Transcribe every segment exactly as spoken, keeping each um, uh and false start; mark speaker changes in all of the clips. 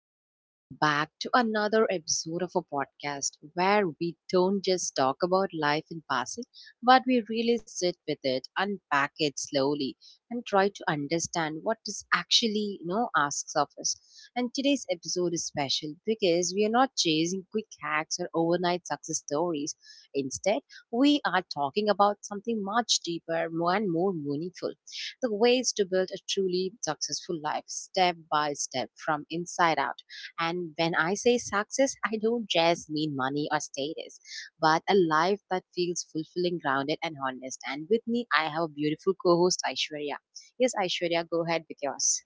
Speaker 1: and welcome back to another episode of a podcast where we don't just talk about life in passing, but we really sit with it, unpack it slowly, and try to understand what is actually, you know, asks of us. And today's episode is special because we are not chasing quick hacks or overnight success stories. Instead, we are talking about something much deeper and more meaningful, the ways to build a truly successful life step by step from inside out. And when I say success, I don't just mean money or status, but a life that feels fulfilling, grounded, and honest. And with me, I have a beautiful co host, Aishwarya. Yes, Aishwarya, go ahead with yours.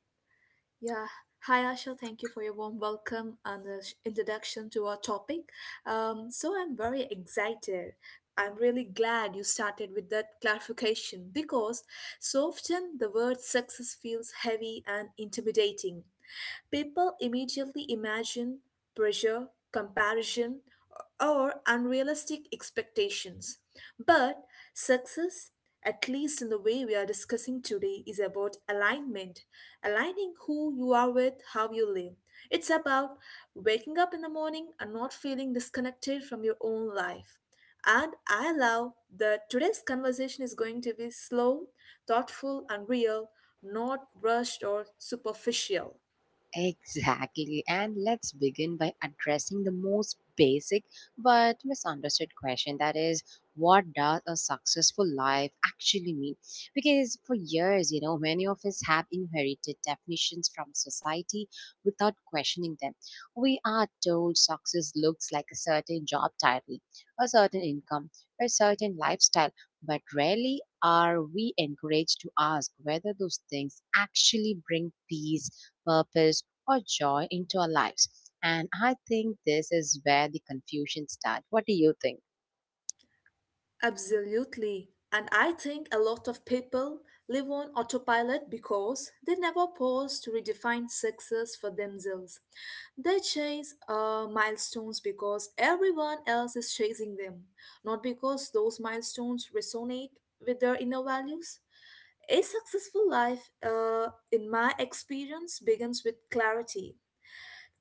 Speaker 2: Yeah. Hi, Asha. Thank you for your warm welcome and the sh- introduction to our topic. Um, so, I'm very excited. I'm really glad you started with that clarification because so often the word success feels heavy and intimidating. People immediately imagine pressure, comparison, or unrealistic expectations. But success, at least in the way we are discussing today, is about alignment, aligning who you are with how you live. It's about waking up in the morning and not feeling disconnected from your own life. And I love that today's conversation is going to be slow, thoughtful, and real, not rushed or superficial.
Speaker 1: Exactly. And let's begin by addressing the most basic but misunderstood question, that is, what does a successful life actually mean? Because for years, you know, many of us have inherited definitions from society without questioning them. We are told success looks like a certain job title, a certain income, a certain lifestyle, but rarely are we encouraged to ask whether those things actually bring peace, purpose, or joy into our lives. And I think this is where the confusion starts. What do you think?
Speaker 2: Absolutely. And I think a lot of people live on autopilot because they never pause to redefine success for themselves. They chase uh, milestones because everyone else is chasing them, not because those milestones resonate with their inner values. A successful life, uh, in my experience, begins with clarity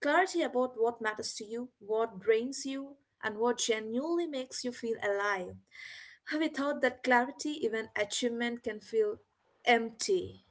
Speaker 2: clarity about what matters to you, what drains you, and what genuinely makes you feel alive. Without that clarity, even achievement can feel empty.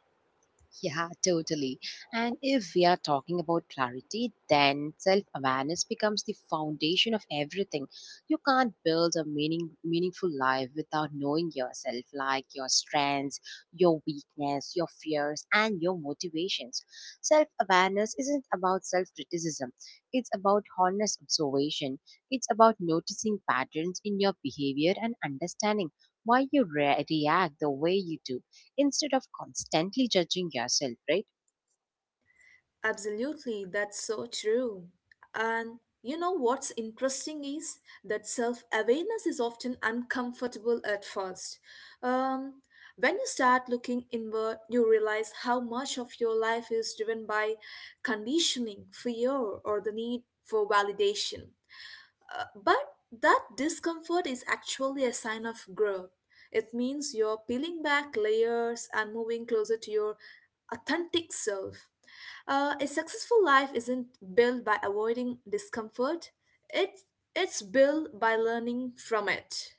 Speaker 1: Yeah, totally. And if we are talking about clarity, then self awareness becomes the foundation of everything. You can't build a meaning, meaningful life without knowing yourself, like your strengths, your weakness, your fears, and your motivations. Self awareness isn't about self criticism, it's about honest observation. It's about noticing patterns in your behavior and understanding why you re- react the way you do instead of constantly judging yourself, right?
Speaker 2: Absolutely, that's so true. And you know what's interesting is that self awareness is often uncomfortable at first. Um, when you start looking inward, you realize how much of your life is driven by conditioning, fear, or the need for validation. Uh, but that discomfort is actually a sign of growth. It means you're peeling back layers and moving closer to your authentic self. Uh, a successful life isn't built by avoiding discomfort. It it's built by learning from it.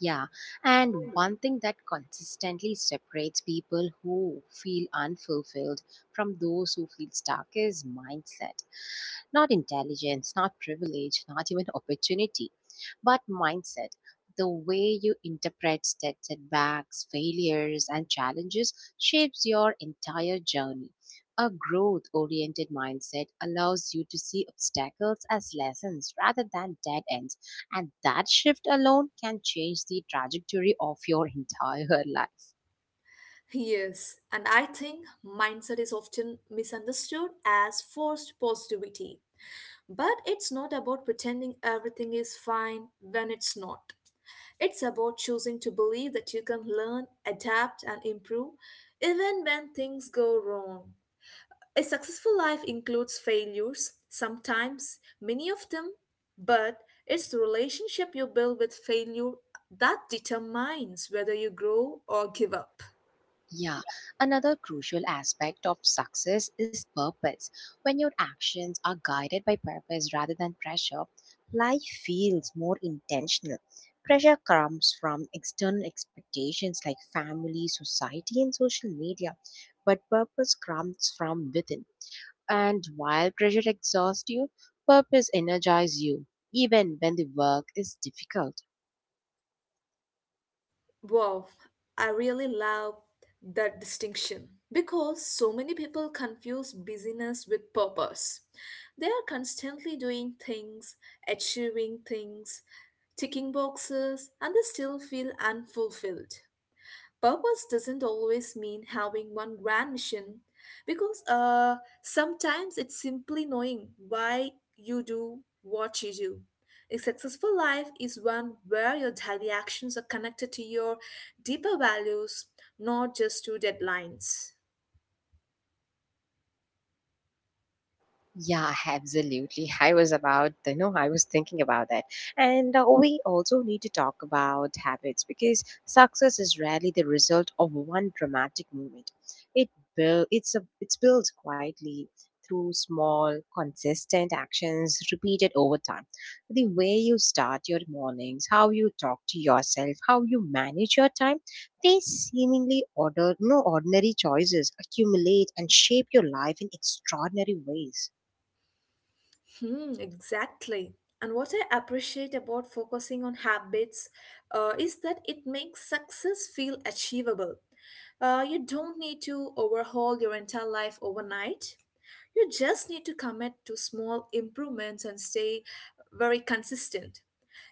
Speaker 1: Yeah. And one thing that consistently separates people who feel unfulfilled from those who feel stuck is mindset. Not intelligence, not privilege, not even opportunity, but mindset. The way you interpret set- setbacks, failures, and challenges shapes your entire journey. A growth oriented mindset allows you to see obstacles as lessons rather than dead ends, and that shift alone can change the trajectory of your entire life.
Speaker 2: Yes, and I think mindset is often misunderstood as forced positivity. But it's not about pretending everything is fine when it's not. It's about choosing to believe that you can learn, adapt, and improve even when things go wrong. A successful life includes failures, sometimes many of them, but it's the relationship you build with failure that determines whether you grow or give up.
Speaker 1: Yeah, another crucial aspect of success is purpose. When your actions are guided by purpose rather than pressure, life feels more intentional. Pressure comes from external expectations like family, society, and social media, but purpose comes from within. And while pressure exhausts you, purpose energizes you, even when the work is difficult.
Speaker 2: Wow, I really love that distinction because so many people confuse busyness with purpose. They are constantly doing things, achieving things, ticking boxes, and they still feel unfulfilled. Purpose doesn't always mean having one grand mission because uh, sometimes it's simply knowing why you do what you do. A successful life is one where your daily actions are connected to your deeper values, not just to deadlines.
Speaker 1: Yeah, absolutely. I was about, you know, I was thinking about that. And uh, we also need to talk about habits because success is rarely the result of one dramatic moment. It build, it's a, it's built quietly through small, consistent actions repeated over time. The way you start your mornings, how you talk to yourself, how you manage your time, these seemingly order, no ordinary choices accumulate and shape your life in extraordinary ways.
Speaker 2: Hmm, exactly. And what I appreciate about focusing on habits uh, is that it makes success feel achievable. Uh, you don't need to overhaul your entire life overnight. You just need to commit to small improvements and stay very consistent.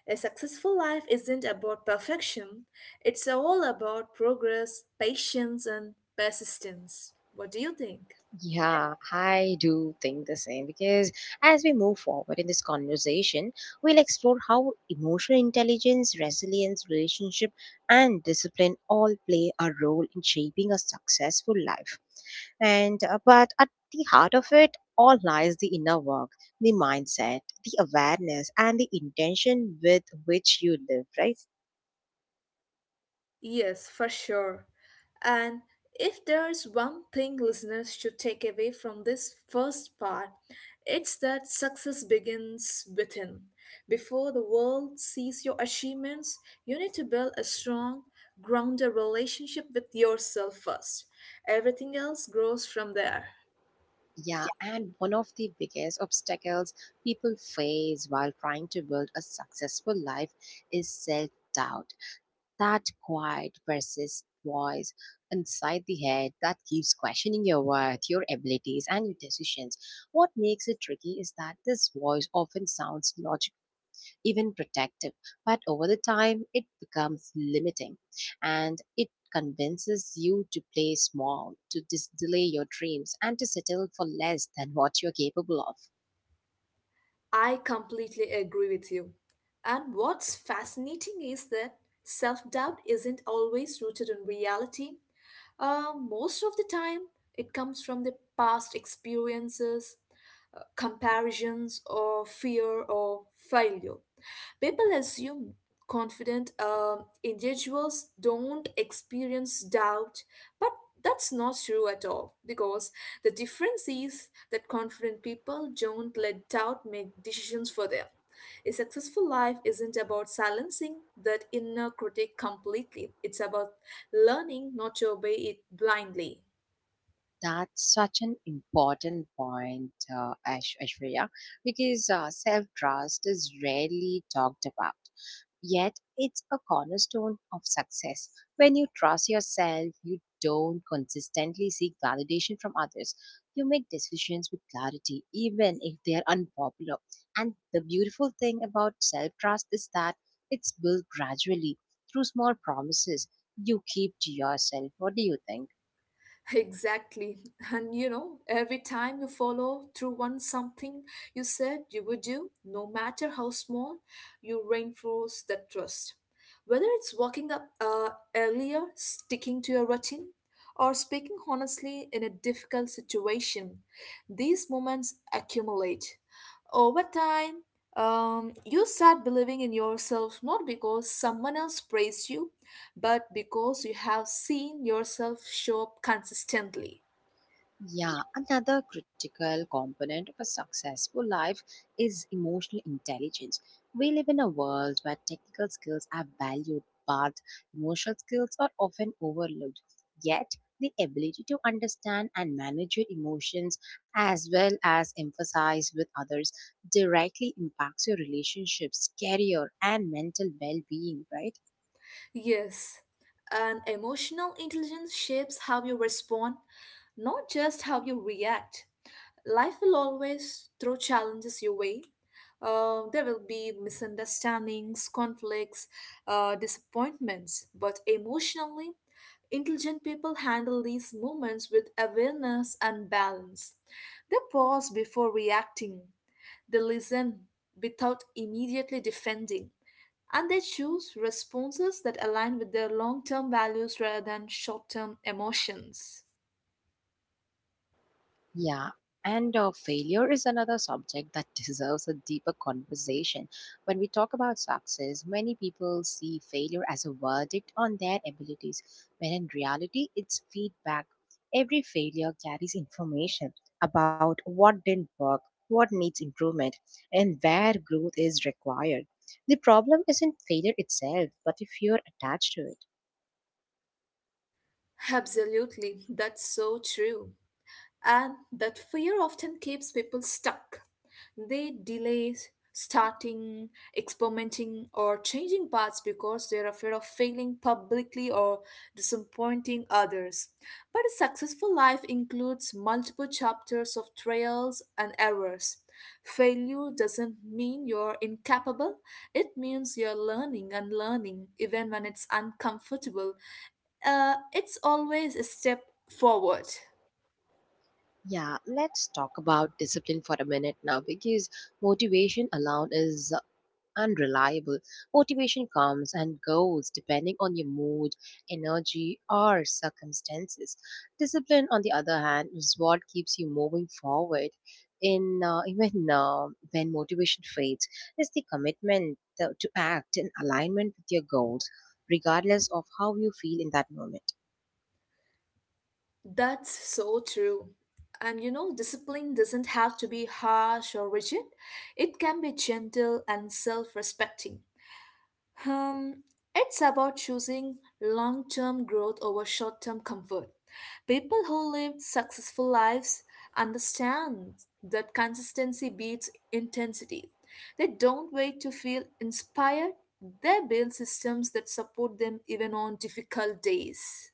Speaker 2: A successful life isn't about perfection, it's all about progress, patience, and persistence. What do you think?
Speaker 1: Yeah, I do think the same because as we move forward in this conversation, we'll explore how emotional intelligence, resilience, relationship, and discipline all play a role in shaping a successful life. And uh, but at the heart of it all lies the inner work, the mindset, the awareness, and the intention with which you live, right?
Speaker 2: Yes, for sure. And if there's one thing listeners should take away from this first part, it's that success begins within. Before the world sees your achievements, you need to build a strong, grounded relationship with yourself first. Everything else grows from there.
Speaker 1: Yeah, and one of the biggest obstacles people face while trying to build a successful life is self doubt. That quiet, persistent voice inside the head that keeps questioning your worth, your abilities, and your decisions. What makes it tricky is that this voice often sounds logical, even protective. But over the time, it becomes limiting and it convinces you to play small, to dis- delay your dreams, and to settle for less than what you're capable of.
Speaker 2: I completely agree with you. And what's fascinating is that self doubt isn't always rooted in reality. Uh, most of the time, it comes from the past experiences, uh, comparisons, or fear or failure. People assume confident um individuals don't experience doubt but that's not true at all because the difference is that confident people don't let doubt make decisions for them. A successful life isn't about silencing that inner critic completely, it's about learning not to obey it blindly.
Speaker 1: That's such an important point, uh, Ash- Ashwarya, because uh, self trust is rarely talked about. Yet, it's a cornerstone of success. When you trust yourself, you don't consistently seek validation from others. You make decisions with clarity, even if they are unpopular. And the beautiful thing about self trust is that it's built gradually through small promises you keep to yourself. What do you think?
Speaker 2: Exactly. And you know, every time you follow through on something you said you would do, no matter how small, you reinforce that trust. Whether it's waking up uh, earlier, sticking to your routine, or speaking honestly in a difficult situation, these moments accumulate. Over time, um, you start believing in yourself not because someone else praised you, but because you have seen yourself show up consistently.
Speaker 1: Yeah, another critical component of a successful life is emotional intelligence. We live in a world where technical skills are valued, but emotional skills are often overlooked. Yet, the ability to understand and manage your emotions as well as emphasize with others directly impacts your relationships, career, and mental well being, right?
Speaker 2: Yes, and emotional intelligence shapes how you respond, not just how you react. Life will always throw challenges your way. Uh, there will be misunderstandings, conflicts, uh, disappointments, but emotionally, intelligent people handle these moments with awareness and balance. They pause before reacting. They listen without immediately defending, and they choose responses that align with their long term values rather than short term emotions.
Speaker 1: Yeah, and uh, failure is another subject that deserves a deeper conversation. When we talk about success, many people see failure as a verdict on their abilities, when in reality, it's feedback. Every failure carries information about what didn't work, what needs improvement, and where growth is required. The problem isn't failure itself, but the fear attached to it.
Speaker 2: Absolutely, that's so true. And that fear often keeps people stuck. They delay starting, experimenting, or changing paths because they're afraid of failing publicly or disappointing others. But a successful life includes multiple chapters of trials and errors. Failure doesn't mean you're incapable, it means you're learning and learning, even when it's uncomfortable. Uh, it's always a step forward.
Speaker 1: Yeah, let's talk about discipline for a minute now because motivation alone is unreliable. Motivation comes and goes depending on your mood, energy, or circumstances. Discipline, on the other hand, is what keeps you moving forward. In uh, even uh, when motivation fades, is the commitment to to act in alignment with your goals, regardless of how you feel in that moment.
Speaker 2: That's so true. And you know, discipline doesn't have to be harsh or rigid. It can be gentle and self-respecting. Um, it's about choosing long-term growth over short-term comfort. People who live successful lives understand that consistency beats intensity. They don't wait to feel inspired. They build systems that support them even on difficult days.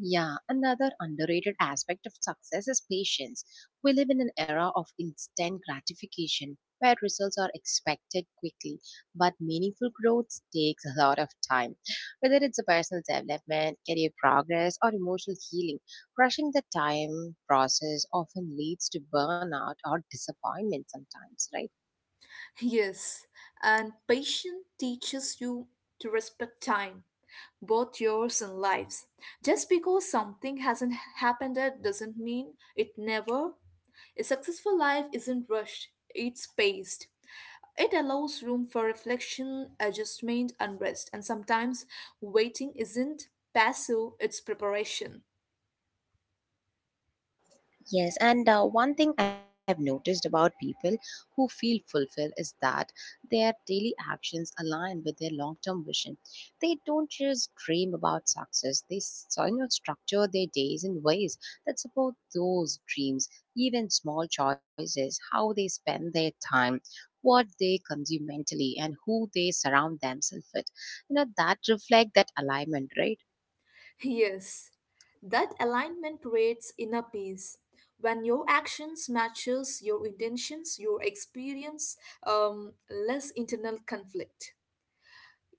Speaker 1: Yeah, another underrated aspect of success is patience. We live in an era of instant gratification where results are expected quickly, but meaningful growth takes a lot of time. Whether it's a personal development, career progress, or emotional healing, rushing the time process often leads to burnout or disappointment sometimes, right?
Speaker 2: Yes, and patience teaches you to respect time, both yours and lives. Just because something hasn't happened yet doesn't mean it never. A successful life isn't rushed, it's paced. It allows room for reflection, adjustment, and rest, and sometimes waiting isn't passive, it's preparation.
Speaker 1: Yes, and uh, one thing I've noticed about people who feel fulfilled is that their daily actions align with their long-term vision. They don't just dream about success; they s- you know, structure their days in ways that support those dreams. Even small choices, how they spend their time, what they consume mentally, and who they surround themselves with, you know, that reflect that alignment, right?
Speaker 2: Yes, that alignment creates inner peace. When your actions matches your intentions, you experience um, less internal conflict.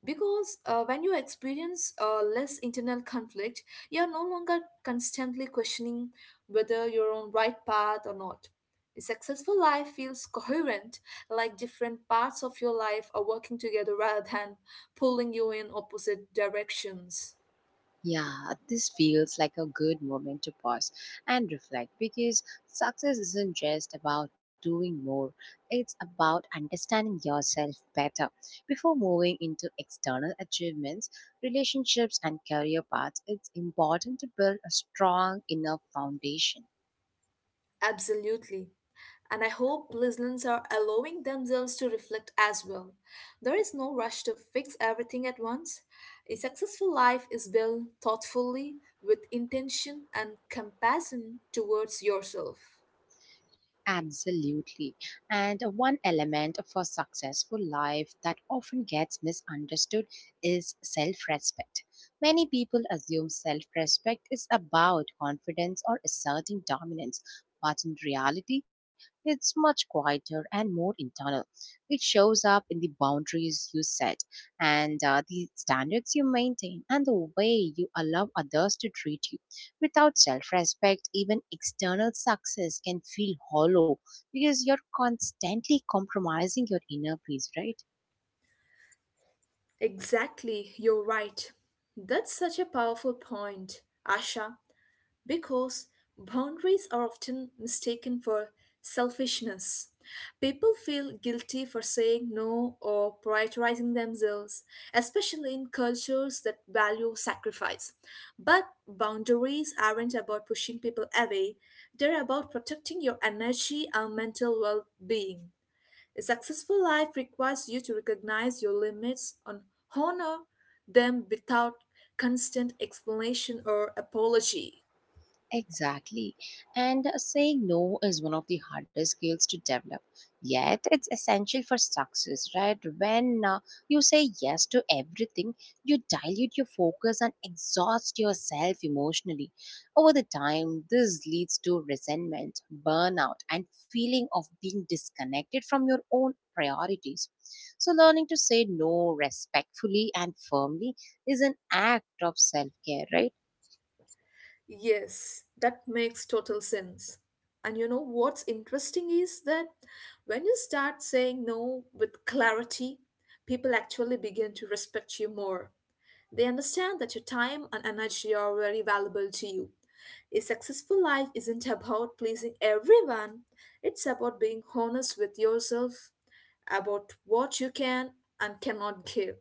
Speaker 2: Because uh, when you experience uh, less internal conflict, you are no longer constantly questioning whether you're on right path or not. A successful life feels coherent, like different parts of your life are working together rather than pulling you in opposite directions.
Speaker 1: Yeah, this feels like a good moment to pause and reflect because success isn't just about doing more, it's about understanding yourself better. Before moving into external achievements, relationships, and career paths, it's important to build a strong inner foundation.
Speaker 2: Absolutely. And I hope listeners are allowing themselves to reflect as well. There is no rush to fix everything at once. A successful life is built thoughtfully with intention and compassion towards yourself.
Speaker 1: Absolutely. And one element of a successful life that often gets misunderstood is self respect. Many people assume self respect is about confidence or asserting dominance, but in reality, it's much quieter and more internal. It shows up in the boundaries you set, and uh, the standards you maintain, and the way you allow others to treat you. Without self respect, even external success can feel hollow because you're constantly compromising your inner peace, right?
Speaker 2: Exactly, you're right. That's such a powerful point, Asha. Because boundaries are often mistaken for selfishness. People feel guilty for saying no or prioritizing themselves, especially in cultures that value sacrifice. But boundaries aren't about pushing people away, they're about protecting your energy and mental well being. A successful life requires you to recognize your limits and honor them without constant explanation or apology.
Speaker 1: Exactly. And uh, saying no is one of the hardest skills to develop. Yet, it's essential for success, right? When uh, you say yes to everything, you dilute your focus and exhaust yourself emotionally. Over the time, this leads to resentment, burnout, and feeling of being disconnected from your own priorities. So, learning to say no respectfully and firmly is an act of self care, right?
Speaker 2: Yes, that makes total sense. And you know what's interesting is that when you start saying no with clarity, people actually begin to respect you more. They understand that your time and energy are very valuable to you. A successful life isn't about pleasing everyone, it's about being honest with yourself, about what you can and cannot give.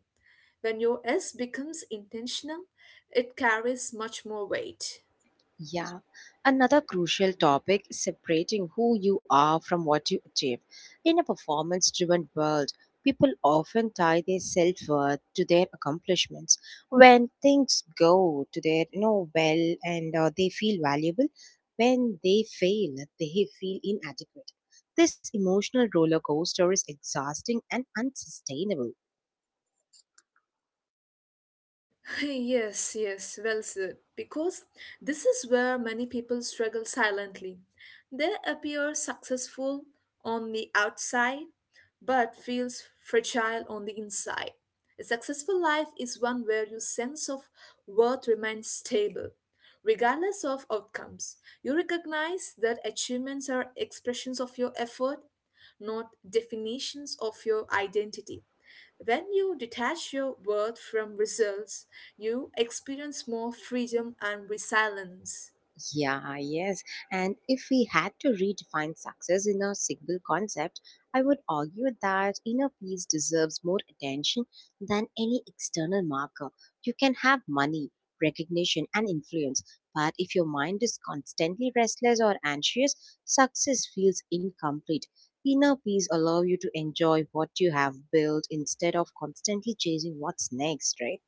Speaker 2: When your S becomes intentional, it carries much more weight.
Speaker 1: Yeah. Another crucial topic is separating who you are from what you achieve. In a performance driven world, people often tie their self worth to their accomplishments. When things go to their, you know, well, and uh, they feel valuable, when they fail, they feel inadequate. This emotional roller coaster is exhausting and unsustainable.
Speaker 2: Yes, yes, well said. Because this is where many people struggle silently. They appear successful on the outside, but feels fragile on the inside. A successful life is one where your sense of worth remains stable, regardless of outcomes. You recognize that achievements are expressions of your effort, not definitions of your identity. When you detach your worth from results, you experience more freedom and resilience.
Speaker 1: Yeah, yes. And if we had to redefine success in a single concept, I would argue that inner peace deserves more attention than any external marker. You can have money, recognition, and influence, but if your mind is constantly restless or anxious, success feels incomplete. Inner peace allows you to enjoy what you have built instead of constantly chasing what's next, right?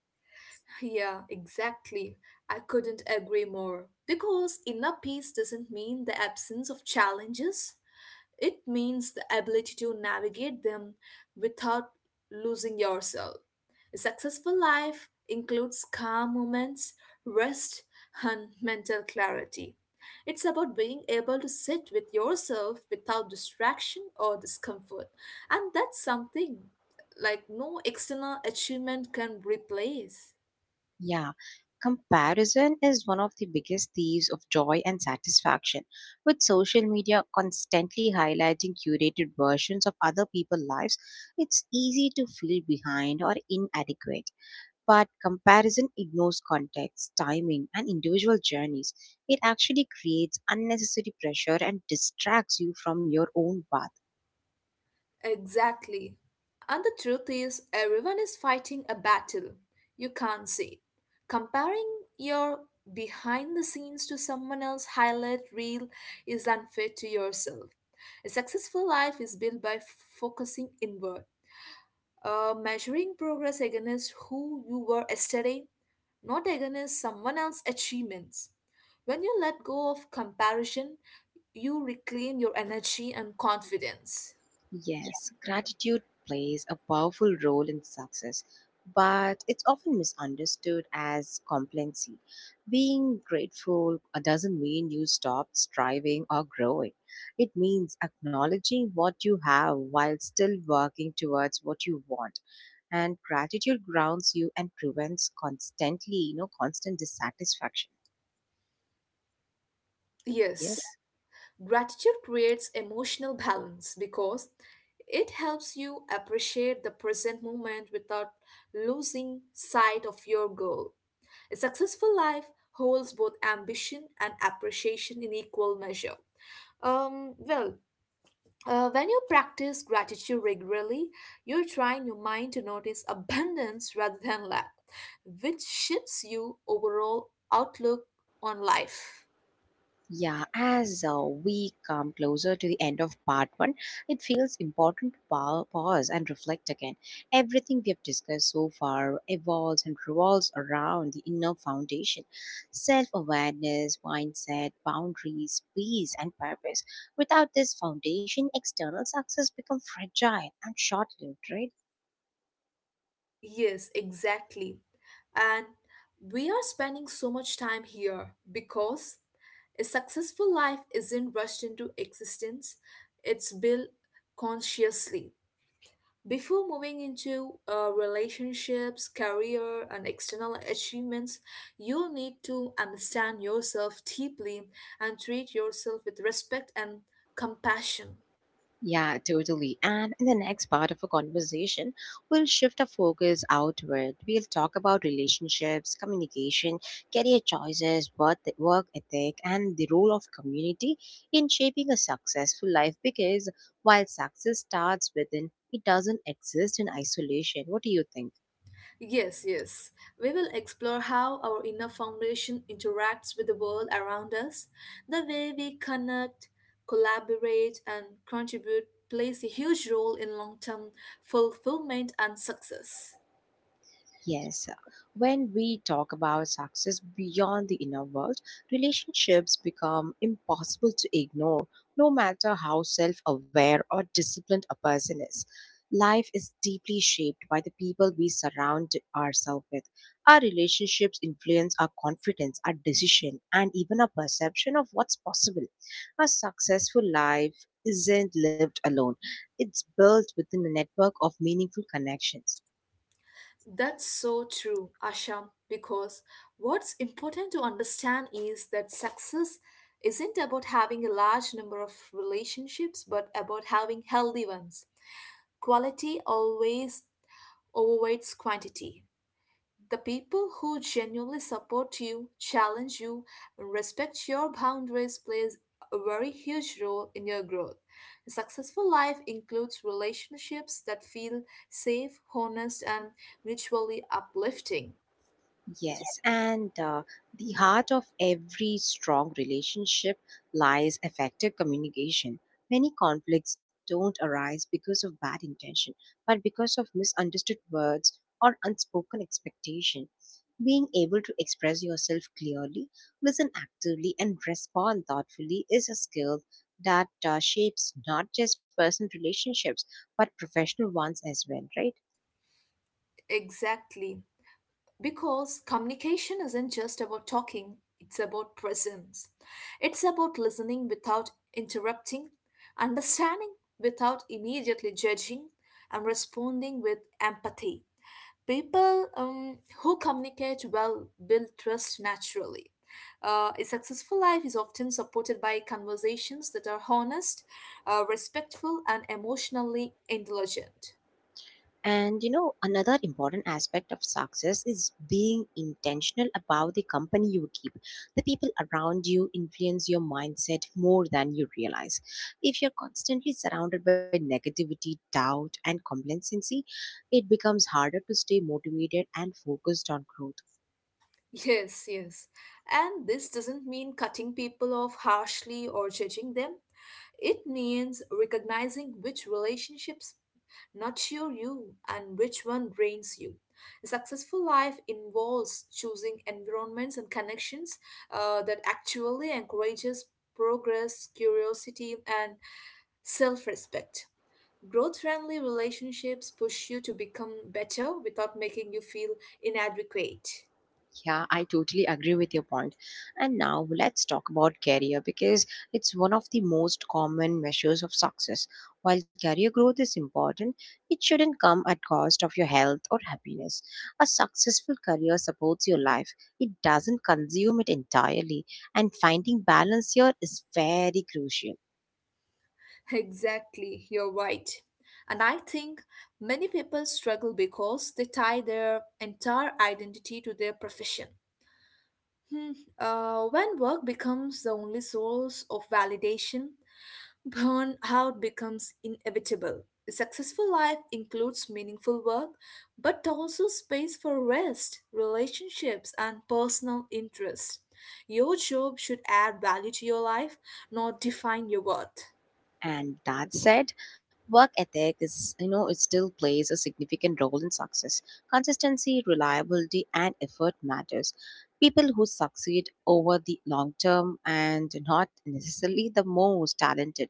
Speaker 2: Yeah, exactly. I couldn't agree more. Because inner peace doesn't mean the absence of challenges, it means the ability to navigate them without losing yourself. A successful life includes calm moments, rest, and mental clarity. It's about being able to sit with yourself without distraction or discomfort. And that's something like no external achievement can replace.
Speaker 1: Yeah, comparison is one of the biggest thieves of joy and satisfaction. With social media constantly highlighting curated versions of other people's lives, it's easy to feel behind or inadequate. But comparison ignores context, timing, and individual journeys. It actually creates unnecessary pressure and distracts you from your own path.
Speaker 2: Exactly. And the truth is, everyone is fighting a battle you can't see. Comparing your behind the scenes to someone else's highlight reel is unfair to yourself. A successful life is built by f- focusing inward, uh, measuring progress against who you were yesterday, not against someone else's achievements. When you let go of comparison, you reclaim your energy and confidence.
Speaker 1: Yes, gratitude plays a powerful role in success, but it's often misunderstood as complacency. Being grateful uh, doesn't mean you stop striving or growing. It means acknowledging what you have while still working towards what you want. And gratitude grounds you and prevents constantly, you know, constant dissatisfaction.
Speaker 2: Yes.
Speaker 1: Yes.
Speaker 2: Gratitude creates emotional balance because it helps you appreciate the present moment without losing sight of your goal. A successful life holds both ambition and appreciation in equal measure. Um, well, uh, when you practice gratitude regularly, you train your mind to notice abundance rather than lack, which shifts your overall outlook on life.
Speaker 1: Yeah, as uh, we come closer to the end of part one, it feels important to pa- pause and reflect again. Everything we have discussed so far evolves and revolves around the inner foundation: self awareness, mindset, boundaries, peace, and purpose. Without this foundation, external success becomes fragile and short lived, right?
Speaker 2: Yes, exactly. And we are spending so much time here because a successful life isn't rushed into existence, it's built consciously. Before moving into uh, relationships, career, and external achievements, you need to understand yourself deeply and treat yourself with respect and compassion.
Speaker 1: Yeah, totally. And in the next part of a conversation, we'll shift our focus outward. We'll talk about relationships, communication, career choices, work work ethic, and the role of community in shaping a successful life. Because while success starts within, it doesn't exist in isolation. What do you think?
Speaker 2: Yes, yes. We will explore how our inner foundation interacts with the world around us. The way we connect, collaborate, and contribute plays a huge role in long term fulfillment and success.
Speaker 1: Yes, uh, when we talk about success beyond the inner world, relationships become impossible to ignore, no matter how self aware or disciplined a person is. Life is deeply shaped by the people we surround ourselves with. Our relationships influence our confidence, our decision, and even our perception of what's possible. A successful life isn't lived alone, it's built within a network of meaningful connections.
Speaker 2: That's so true, Asham, because what's important to understand is that success isn't about having a large number of relationships but about having healthy ones. Quality always overweights quantity. The people who genuinely support you, challenge you, and respect your boundaries plays a very huge role in your growth. A successful life includes relationships that feel safe, honest, and mutually uplifting.
Speaker 1: Yes, and uh, The heart of every strong relationship lies effective communication. Many conflicts don't arise because of bad intention, but because of misunderstood words or unspoken expectation. Being able to express yourself clearly, listen actively, and respond thoughtfully is a skill that uh, shapes not just personal relationships but professional ones as well, right?
Speaker 2: Exactly. Because communication isn't just about talking, it's about presence. It's about listening without interrupting, understanding without immediately judging, and responding with empathy. People um, who communicate well build trust naturally. Uh, a successful life is often supported by conversations that are honest, uh, respectful, and emotionally intelligent.
Speaker 1: And you know, another important aspect of success is being intentional about the company you keep. The people around you influence your mindset more than you realize. If you're constantly surrounded by negativity, doubt, and complacency, it becomes harder to stay motivated and focused on growth.
Speaker 2: Yes, yes. And this doesn't mean cutting people off harshly or judging them. It means recognizing which relationships nurture you and which one drains you. A successful life involves choosing environments and connections uh, that actually encourages progress, curiosity, and self-respect. Growth-friendly relationships push you to become better without making you feel inadequate.
Speaker 1: Yeah, I totally agree with your point. And now let's talk about career because it's one of the most common measures of success. While career growth is important, it shouldn't come at cost of your health or happiness. A successful career supports your life. It doesn't consume it entirely, and finding balance here is very crucial.
Speaker 2: Exactly, you're right. And I think many people struggle because they tie their entire identity to their profession. Hmm. Uh, when work becomes the only source of validation, burnout becomes inevitable. A successful life includes meaningful work, but also space for rest, relationships, and personal interests. Your job should add value to your life, not define your worth.
Speaker 1: And that said, work ethic is, you know, it still plays a significant role in success. Consistency, reliability, and effort matters. People who succeed over the long term and not necessarily the most talented,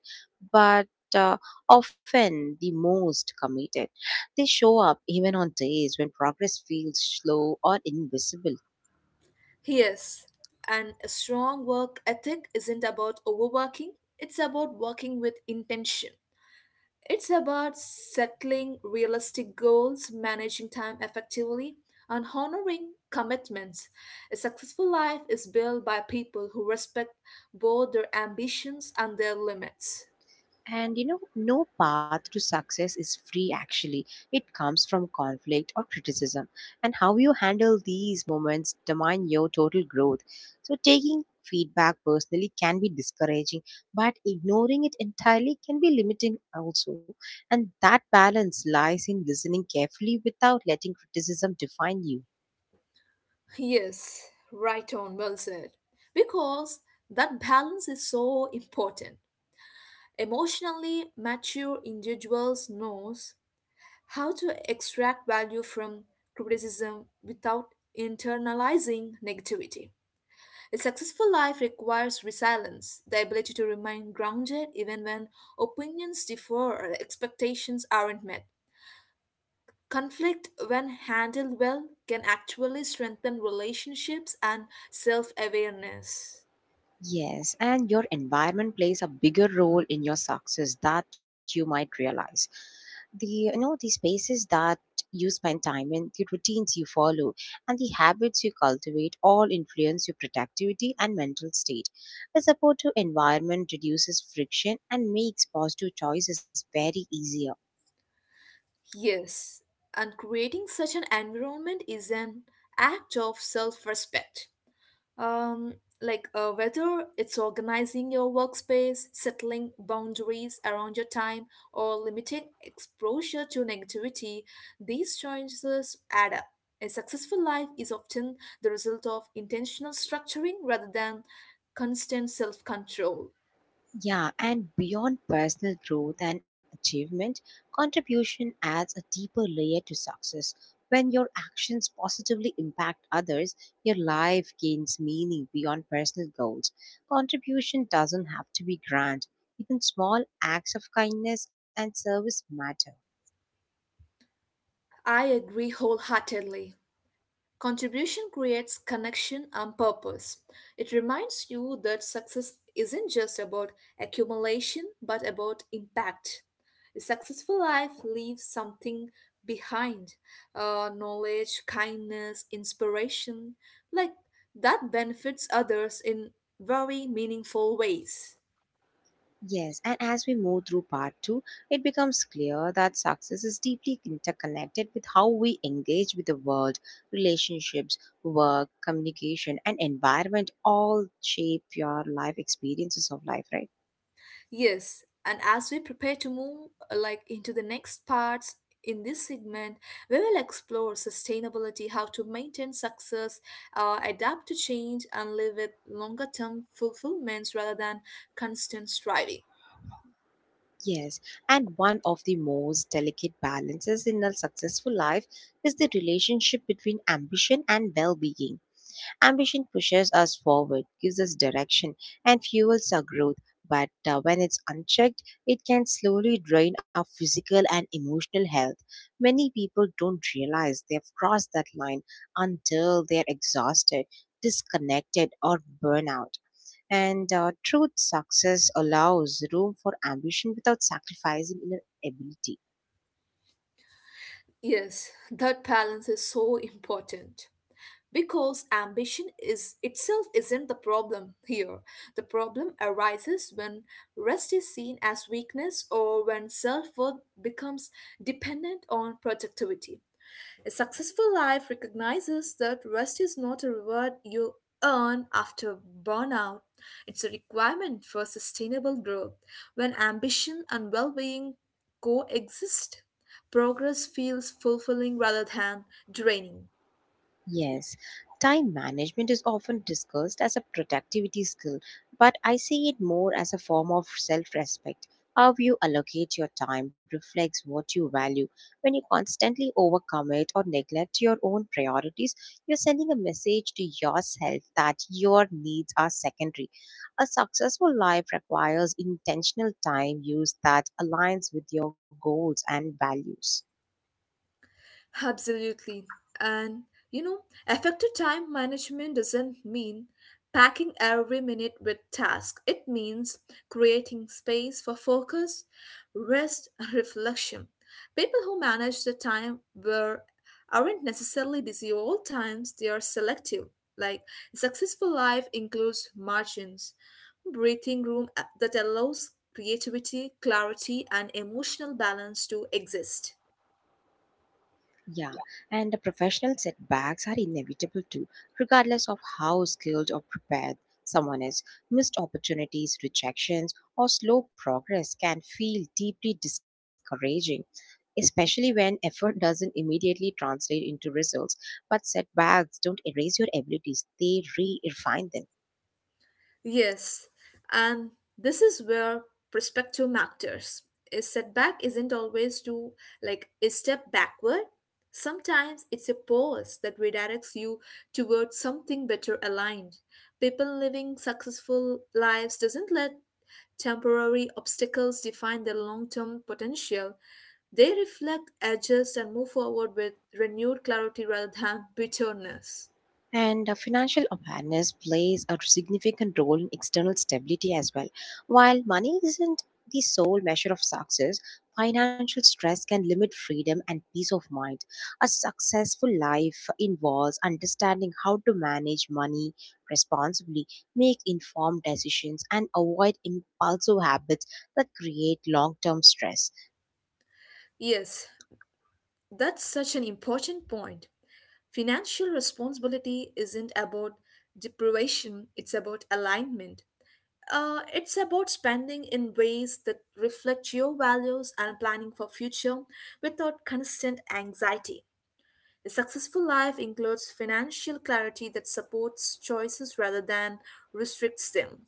Speaker 1: but uh, often the most committed. They show up even on days when progress feels slow or invisible.
Speaker 2: Yes, and a strong work ethic isn't about overworking, it's about working with intention. It's about settling realistic goals, managing time effectively, and honoring commitments. A successful life is built by people who respect both their ambitions and their limits.
Speaker 1: And you know, no path to success is free actually. It comes from conflict or criticism. And how you handle these moments determine your total growth. So, taking feedback personally can be discouraging, but ignoring it entirely can be limiting also. And that balance lies in listening carefully without letting criticism define you.
Speaker 2: Yes, right on, well said. Because that balance is so important. Emotionally mature individuals knows how to extract value from criticism without internalizing negativity. A successful life requires resilience, the ability to remain grounded even when opinions differ or expectations aren't met. Conflict, when handled well, can actually strengthen relationships and self awareness.
Speaker 1: Yes, and your environment plays a bigger role in your success that you might realize. The you know the spaces that you spend time in, the routines you follow, and the habits you cultivate all influence your productivity and mental state. A supportive environment reduces friction and makes positive choices very easier.
Speaker 2: Yes, and creating such an environment is an act of self respect. Um, like uh, whether it's organizing your workspace, settling boundaries around your time, or limiting exposure to negativity, these choices add up. A successful life is often the result of intentional structuring rather than constant self control.
Speaker 1: Yeah, and beyond personal growth and achievement, contribution adds a deeper layer to success. When your actions positively impact others, your life gains meaning beyond personal goals. Contribution doesn't have to be grand, even small acts of kindness and service matter.
Speaker 2: I agree wholeheartedly. Contribution creates connection and purpose. It reminds you that success isn't just about accumulation but about impact. A successful life leaves something behind uh, knowledge, kindness, inspiration like that benefits others in very meaningful ways.
Speaker 1: Yes, and as we move through part two, it becomes clear that success is deeply interconnected with how we engage with the world. Relationships, work, communication, and environment all shape your life experiences of life, right?
Speaker 2: Yes, and as we prepare to move uh, like into the next parts in this segment, we will explore sustainability, how to maintain success, uh, adapt to change, and live with longer term fulfillments rather than constant striving.
Speaker 1: Yes, and one of the most delicate balances in a successful life is the relationship between ambition and well being. Ambition pushes us forward, gives us direction, and fuels our growth. But uh, when it's unchecked, it can slowly drain our physical and emotional health. Many people don't realize they've crossed that line until they're exhausted, disconnected, or burnout. And uh, truth success allows room for ambition without sacrificing inner ability.
Speaker 2: Yes, that balance is so important because ambition is itself isn't the problem here. The problem arises when rest is seen as weakness or when self-worth becomes dependent on productivity. A successful life recognizes that rest is not a reward you earn after burnout. It's a requirement for sustainable growth. When ambition and well being coexist, progress feels fulfilling rather than draining.
Speaker 1: Yes, time management is often discussed as a productivity skill, but I see it more as a form of self respect. How you allocate your time reflects what you value. When you constantly overcommit or neglect your own priorities, you're sending a message to yourself that your needs are secondary. A successful life requires intentional time use that aligns with your goals and values.
Speaker 2: Absolutely. And you know, effective time management doesn't mean packing every minute with tasks. It means creating space for focus, rest, and reflection. People who manage the time were aren't necessarily busy all times, they are selective. Like a successful life includes margins, breathing room uh, that allows creativity, clarity, and emotional balance to exist.
Speaker 1: Yeah, and the professional setbacks are inevitable too, regardless of how skilled or prepared someone is. Missed opportunities, rejections, or slow progress can feel deeply discouraging, especially when effort doesn't immediately translate into results. But setbacks don't erase your abilities, they re refine them.
Speaker 2: Yes, and this is where perspective matters. A setback isn't always to like a step backward. Sometimes it's a pause that redirects you towards something better aligned. People living successful lives doesn't let temporary obstacles define their long-term potential. They reflect, adjust, and move forward with renewed clarity rather than bitterness.
Speaker 1: And uh, financial awareness plays a significant role in external stability as well. While money isn't the sole measure of success, financial stress can limit freedom and peace of mind. A successful life involves understanding how to manage money responsibly, make informed decisions, and avoid impulsive habits that create long term stress.
Speaker 2: Yes, that's such an important point. Financial responsibility isn't about deprivation, it's about alignment. Uh, it's about spending in ways that reflect your values and planning for future without constant anxiety. A successful life includes financial clarity that supports choices rather than restricts them.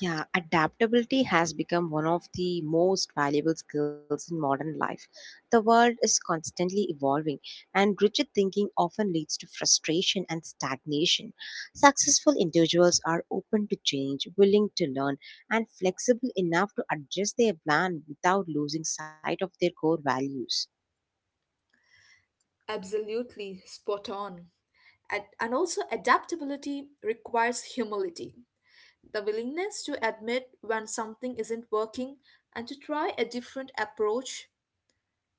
Speaker 1: Yeah, adaptability has become one of the most valuable skills in modern life. The world is constantly evolving, and rigid thinking often leads to frustration and stagnation. Successful individuals are open to change, willing to learn, and flexible enough to adjust their plan without losing sight of their core values.
Speaker 2: Absolutely spot on. Ad- And also, adaptability requires humility. The willingness to admit when something isn't working and to try a different approach.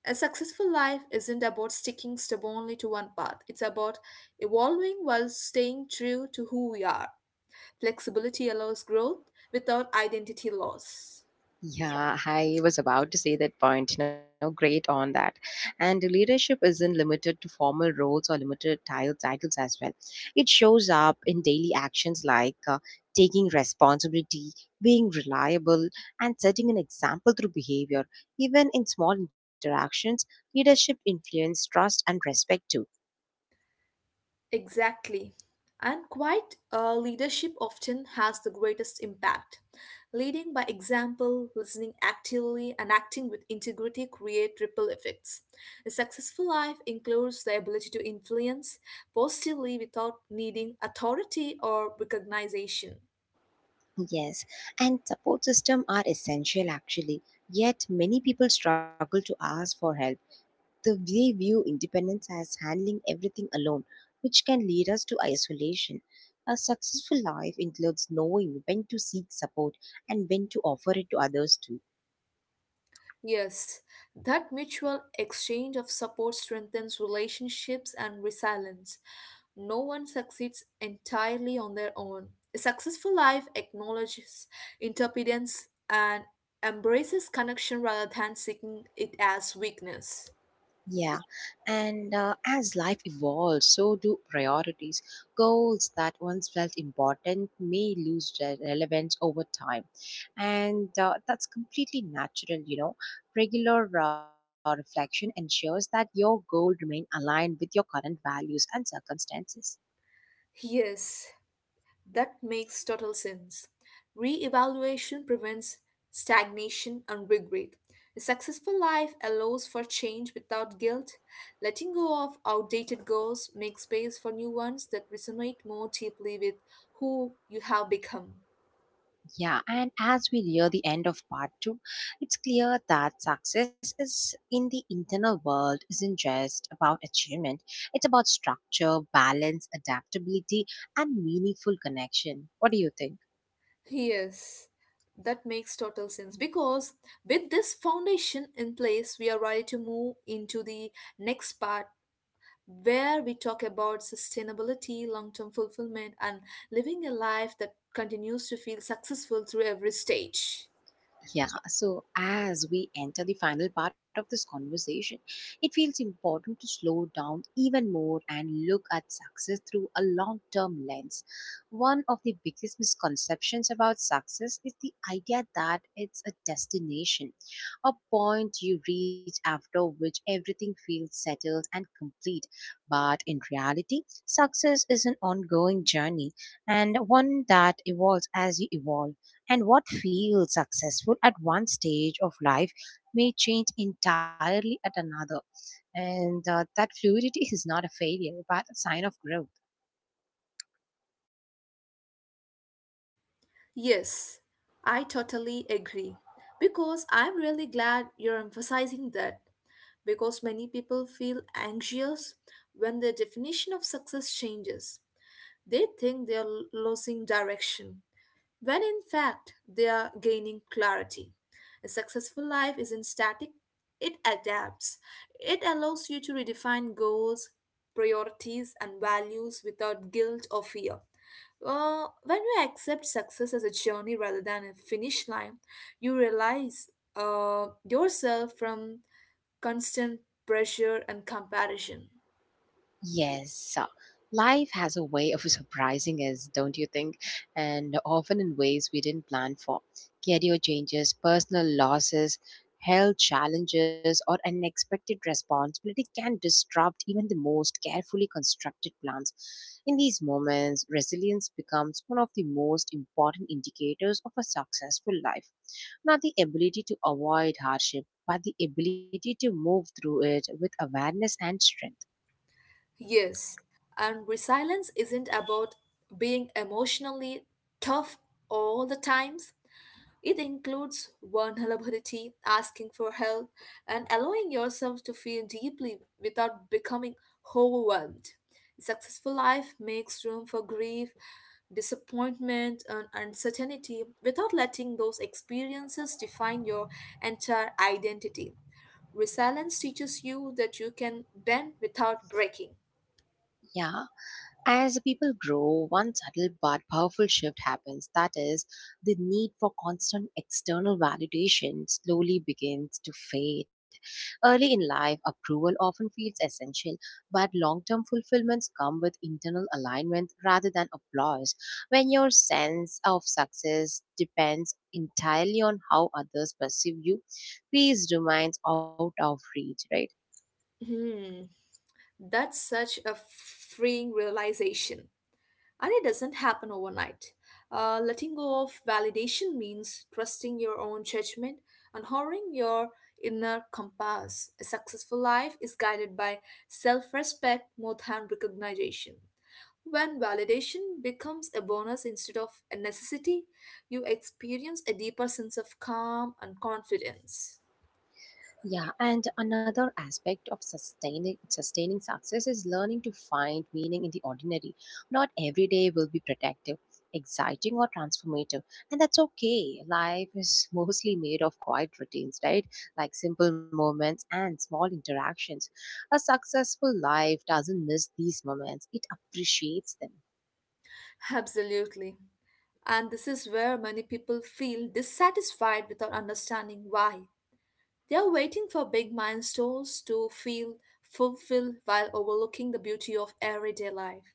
Speaker 2: A successful life isn't about sticking stubbornly to one path, it's about evolving while staying true to who we are. Flexibility allows growth without identity loss.
Speaker 1: Yeah, I was about to say that point. You know, great on that. And leadership isn't limited to formal roles or limited title titles as well. It shows up in daily actions like uh, taking responsibility, being reliable, and setting an example through behavior. Even in small interactions, leadership influence trust and respect too.
Speaker 2: Exactly. And quite uh, leadership often has the greatest impact. Leading by example, listening actively, and acting with integrity create ripple effects. A successful life includes the ability to influence positively without needing authority or recognition.
Speaker 1: Yes, and support system are essential actually. Yet many people struggle to ask for help. The they view independence as handling everything alone, which can lead us to isolation. A successful life includes knowing when to seek support and when to offer it to others too.
Speaker 2: Yes, that mutual exchange of support strengthens relationships and resilience. No one succeeds entirely on their own. A successful life acknowledges interdependence and embraces connection rather than seeking it as weakness.
Speaker 1: Yeah, and uh, As life evolves, so do priorities. Goals that once felt important may lose re- relevance over time, and uh, that's completely natural. You know, regular uh, reflection ensures that your goal remain aligned with your current values and circumstances.
Speaker 2: Yes, that makes total sense. Re-evaluation prevents stagnation and regret. A successful life allows for change without guilt. Letting go of outdated goals makes space for new ones that resonate more deeply with who you have become.
Speaker 1: Yeah, and as we near the end of part two, it's clear that success is in the internal world isn't just about achievement. It's about structure, balance, adaptability, and meaningful connection. What do you think?
Speaker 2: Yes, that makes total sense because with this foundation in place, we are ready to move into the next part where we talk about sustainability, long term fulfillment, and living a life that continues to feel successful through every stage.
Speaker 1: Yeah, so as we enter the final part of this conversation, it feels important to slow down even more and look at success through a long term lens. One of the biggest misconceptions about success is the idea that it's a destination, a point you reach after which everything feels settled and complete. But in reality, success is an ongoing journey and one that evolves as you evolve. And what feels successful at one stage of life may change entirely at another. And uh, that fluidity is not a failure, but a sign of growth.
Speaker 2: Yes, I totally agree. Because I'm really glad you're emphasizing that. Because many people feel anxious when their definition of success changes, they think they're losing direction. When in fact they are gaining clarity. A successful life isn't static, it adapts. It allows you to redefine goals, priorities, and values without guilt or fear. Uh, when you accept success as a journey rather than a finish line, you realize uh, yourself from constant pressure and comparison.
Speaker 1: Yes. uh, Life has a way of surprising us, don't you think? And often in ways we didn't plan for. Career changes, personal losses, health challenges, or unexpected responsibility can disrupt even the most carefully constructed plans. In these moments, resilience becomes one of the most important indicators of a successful life. Now, the ability to avoid hardship but the ability to move through it with awareness and strength.
Speaker 2: Yes, and resilience isn't about being emotionally tough all the times. It includes vulnerability, asking for help, and allowing yourself to feel deeply without becoming overwhelmed. A successful life makes room for grief, disappointment, and uncertainty without letting those experiences define your entire identity. Resilience teaches you that you can bend without breaking.
Speaker 1: Yeah, as people grow, one subtle but powerful shift happens. That is, the need for constant external validation slowly begins to fade. Early in life, approval often feels essential, but long term fulfillments come with internal alignment rather than applause. When your sense of success depends entirely on how others perceive you, peace remains out of reach, right?
Speaker 2: Hmm, that's such a freeing realization. And it doesn't happen overnight. Uh, letting go of validation means trusting your own judgment and honoring your inner compass. A successful life is guided by self respect more than recognition. When validation becomes a bonus instead of a necessity, you experience a deeper sense of calm and confidence.
Speaker 1: Yeah, and another aspect of sustaining sustaining success is learning to find meaning in the ordinary. Not every day will be productive, exciting or transformative, and that's okay. Life is mostly made of quiet routines, right? Like simple moments and small interactions. A successful life doesn't miss these moments; it appreciates them.
Speaker 2: Absolutely. And this is where many people feel dissatisfied without understanding why. They are waiting for big milestones to feel fulfilled while overlooking the beauty of everyday life.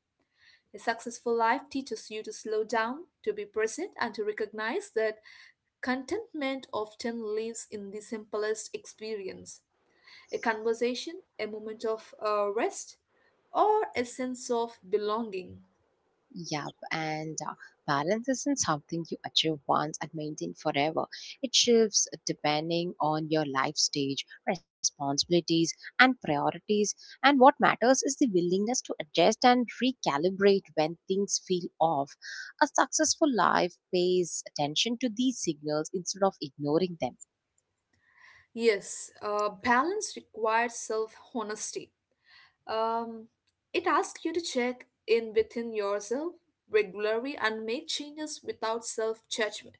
Speaker 2: A successful life teaches you to slow down, to be present, and to recognize that contentment often lives in the simplest experience. A conversation, a moment of uh, rest, or a sense of belonging.
Speaker 1: Yep, and uh, Balance isn't something you achieve once and maintain forever. It shifts depending on your life stage, responsibilities, and priorities. And what matters is the willingness to adjust and recalibrate when things feel off. A successful life pays attention to these signals instead of ignoring them.
Speaker 2: Yes, uh, balance requires self honesty. Um, it asks you to check in within yourself regularly and make changes without self judgment.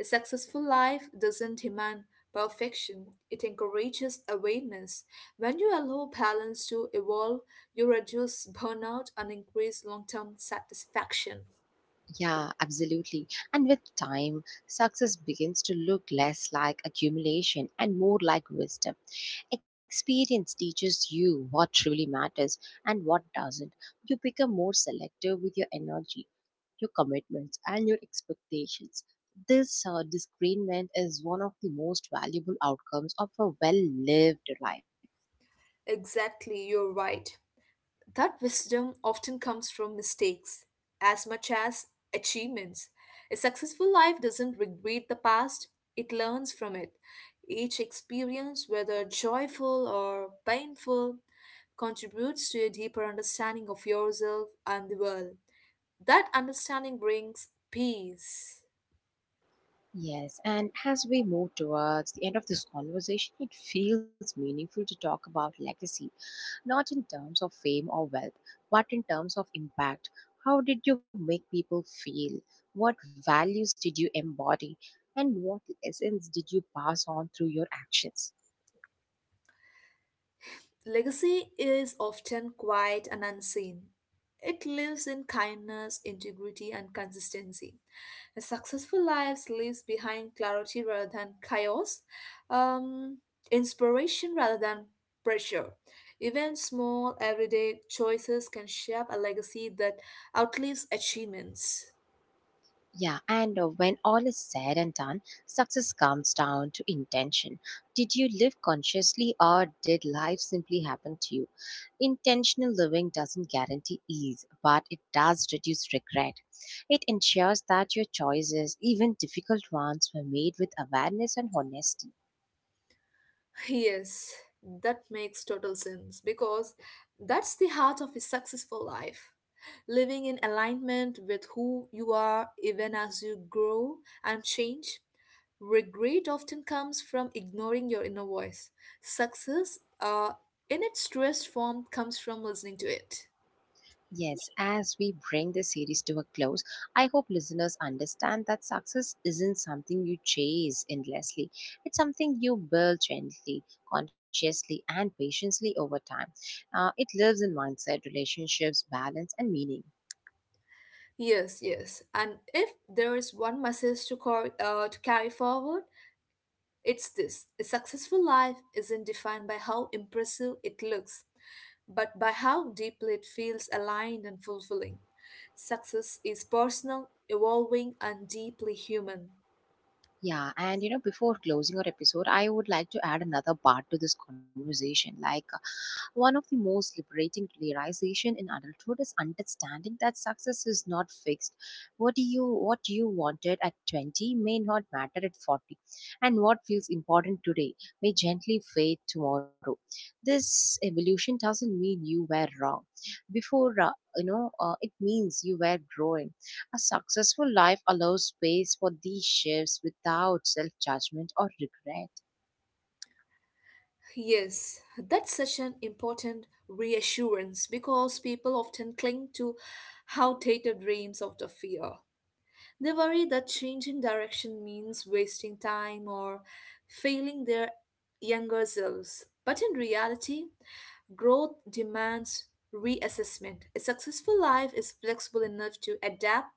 Speaker 2: A successful life doesn't demand perfection, it encourages awareness. When you allow balance to evolve, you reduce burnout and increase long term satisfaction.
Speaker 1: Yeah, absolutely. And with time, success begins to look less like accumulation and more like wisdom. Experience teaches you what truly matters and what doesn't. You become more selective with your energy, your commitments, and your expectations. This uh, discernment is one of the most valuable outcomes of a well lived life.
Speaker 2: Exactly, you're right. That wisdom often comes from mistakes as much as achievements. A successful life doesn't regret the past, it learns from it. Each experience, whether joyful or painful, contributes to a deeper understanding of yourself and the world. That understanding brings peace.
Speaker 1: Yes, and as we move towards the end of this conversation, it feels meaningful to talk about legacy not in terms of fame or wealth, but in terms of impact. How did you make people feel? What values did you embody? And what lessons did you pass on through your actions?
Speaker 2: Legacy is often quiet and unseen. It lives in kindness, integrity, and consistency. A successful life leaves behind clarity rather than chaos, um, inspiration rather than pressure. Even small everyday choices can shape a legacy that outlives achievements.
Speaker 1: Yeah, and uh, When all is said and done, success comes down to intention. Did you live consciously or did life simply happen to you? Intentional living doesn't guarantee ease, but it does reduce regret. It ensures that your choices, even difficult ones, were made with awareness and honesty.
Speaker 2: Yes, that makes total sense because that's the heart of a successful life. Living in alignment with who you are even as you grow and change. Regret often comes from ignoring your inner voice. Success, uh, in its truest form, comes from listening to it.
Speaker 1: Yes, as we bring this series to a close, I hope listeners understand that success isn't something you chase endlessly. It's something you build gently, consciously, and patiently over time. Uh, it lives in mindset, relationships, balance, and meaning.
Speaker 2: Yes, yes. And if there is one message to, cor- uh, to carry forward, it's this. A successful life isn't defined by how impressive it looks but by how deeply it feels aligned and fulfilling. Success is personal, evolving, and deeply human.
Speaker 1: Yeah, and you know, before closing our episode, I would like to add another part to this conversation. Like, uh, one of the most liberating realization in adulthood is understanding that success is not fixed. What do you what you wanted at twenty may not matter at forty, and what feels important today may gently fade tomorrow. This evolution doesn't mean you were wrong. Before uh, you know, uh, it means you were growing. A successful life allows space for these shifts without self judgment or regret.
Speaker 2: Yes, that's such an important reassurance because people often cling to outdated dreams out of fear. They worry that changing direction means wasting time or failing their younger selves. But in reality, growth demands reassessment. A successful life is flexible enough to adapt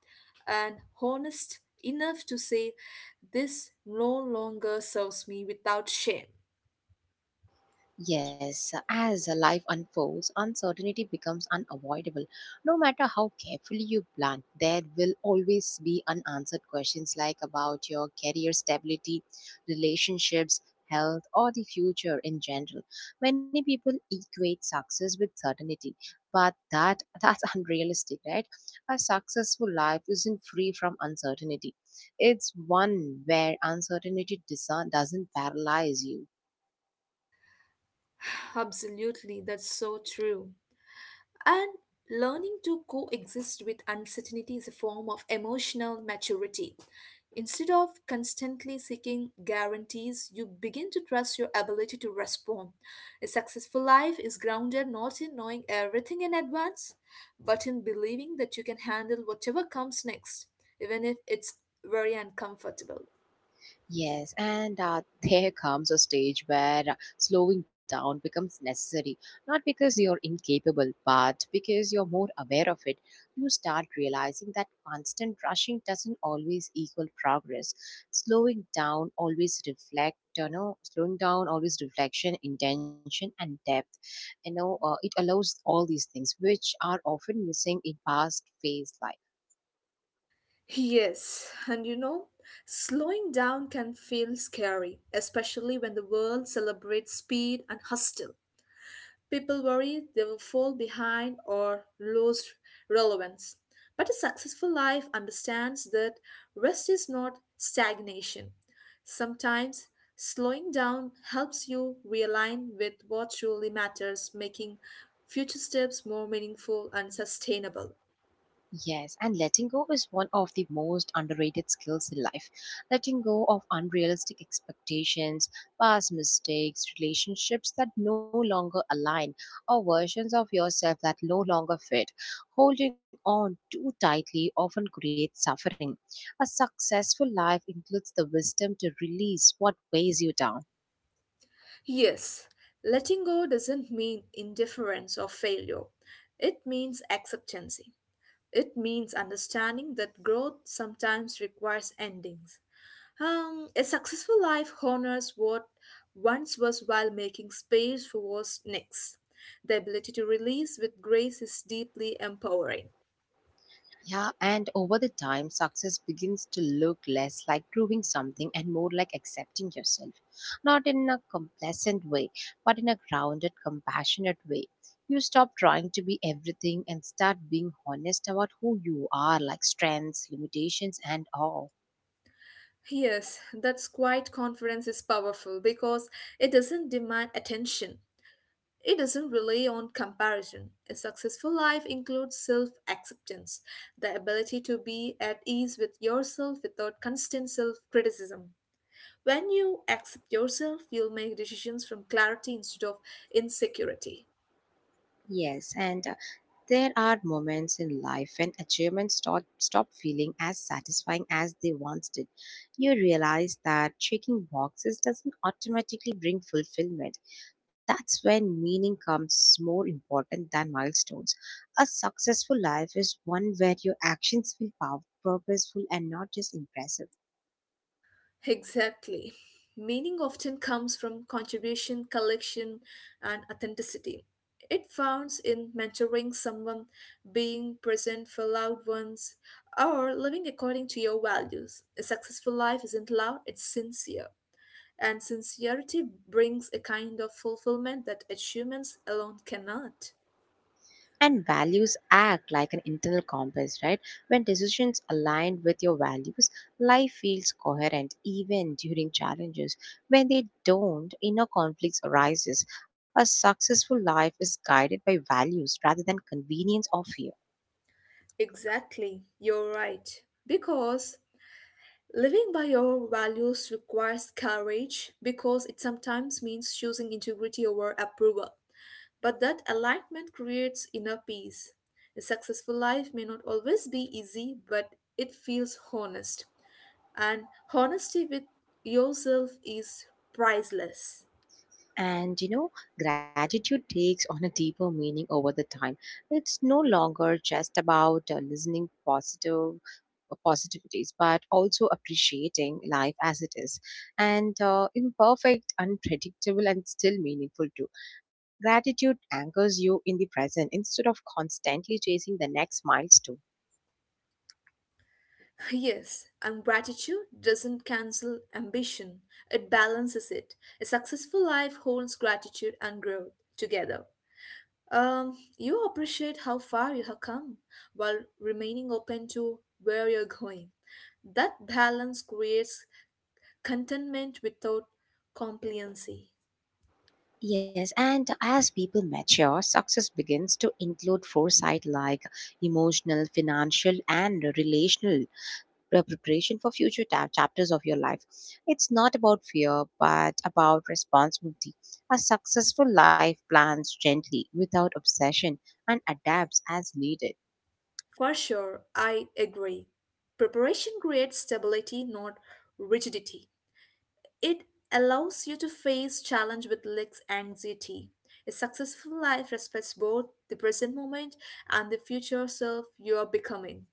Speaker 2: and honest enough to say, this no longer serves me without shame.
Speaker 1: Yes, uh, as life unfolds, uncertainty becomes unavoidable. No matter how carefully you plan, there will always be unanswered questions like about your career stability, relationships, health, or the future in general. Many people equate success with certainty, but that that's unrealistic, right? A successful life isn't free from uncertainty. It's one where uncertainty doesn't doesn't paralyze you.
Speaker 2: Absolutely, that's so true. And learning to coexist with uncertainty is a form of emotional maturity. Instead of constantly seeking guarantees, you begin to trust your ability to respond. A successful life is grounded not in knowing everything in advance, but in believing that you can handle whatever comes next, even if it's very uncomfortable.
Speaker 1: Yes, and uh, there comes a stage where uh, slowing down becomes necessary, not because you're incapable, but because you're more aware of it. You start realizing that constant rushing doesn't always equal progress. Slowing down always reflect, you know, slowing down always reflection, intention, and depth. You know, uh, it allows all these things which are often missing in fast-paced life.
Speaker 2: Yes, and you know, slowing down can feel scary, especially when the world celebrates speed and hustle. People worry they will fall behind or lose relevance. But a successful life understands that rest is not stagnation. Sometimes slowing down helps you realign with what truly matters, making future steps more meaningful and sustainable.
Speaker 1: Yes, and letting go is one of the most underrated skills in life. Letting go of unrealistic expectations, past mistakes, relationships that no longer align, or versions of yourself that no longer fit. Holding on too tightly often creates suffering. A successful life includes the wisdom to release what weighs you down.
Speaker 2: Yes, letting go doesn't mean indifference or failure. It means acceptance. It means understanding that growth sometimes requires endings. Um, a successful life honors what once was while making space for what's next. The ability to release with grace is deeply empowering.
Speaker 1: Yeah, and over the time, success begins to look less like proving something and more like accepting yourself. Not in a complacent way, but in a grounded, compassionate way. You stop trying to be everything and start being honest about who you are, like strengths, limitations, and all.
Speaker 2: Yes, that's quite confidence is powerful because it doesn't demand attention. It doesn't rely on comparison. A successful life includes self acceptance, the ability to be at ease with yourself without constant self criticism. When you accept yourself, you'll make decisions from clarity instead of insecurity.
Speaker 1: Yes, and there are moments in life when achievements stop, stop feeling as satisfying as they once did. You realize that checking boxes doesn't automatically bring fulfillment. That's when meaning comes more important than milestones. A successful life is one where your actions feel pow- purposeful and not just impressive.
Speaker 2: Exactly. Meaning often comes from contribution, collection, and authenticity. It founds in mentoring someone, being present for loved ones, or living according to your values. A successful life isn't loud, it's sincere. And sincerity brings a kind of fulfillment that achievements alone cannot.
Speaker 1: And values act like an internal compass, right? When decisions align with your values, life feels coherent even during challenges. When they don't, inner conflicts arises. A successful life is guided by values rather than convenience or fear.
Speaker 2: Exactly, you're right. Because living by your values requires courage, because it sometimes means choosing integrity over approval. But that alignment creates inner peace. A successful life may not always be easy, but it feels honest. And honesty with yourself is priceless.
Speaker 1: And you know, Gratitude takes on a deeper meaning over the time. It's no longer just about uh, listening positive uh, positivities, but also appreciating life as it is, and uh, imperfect, unpredictable, and still meaningful too. Gratitude anchors you in the present instead of constantly chasing the next milestone.
Speaker 2: Yes, and gratitude doesn't cancel ambition, it balances it. A successful life holds gratitude and growth together. Um, you appreciate how far you have come while remaining open to where you're going. That balance creates contentment without complacency.
Speaker 1: Yes, and as people mature, success begins to include foresight like emotional, financial, and relational pre- preparation for future ta- chapters of your life. It's not about fear, but about responsibility. A successful life plans gently, without obsession, and adapts as needed.
Speaker 2: For sure, I agree. Preparation creates stability, not rigidity. It allows you to face challenge with less anxiety. A successful life respects both the present moment and the future self you are becoming.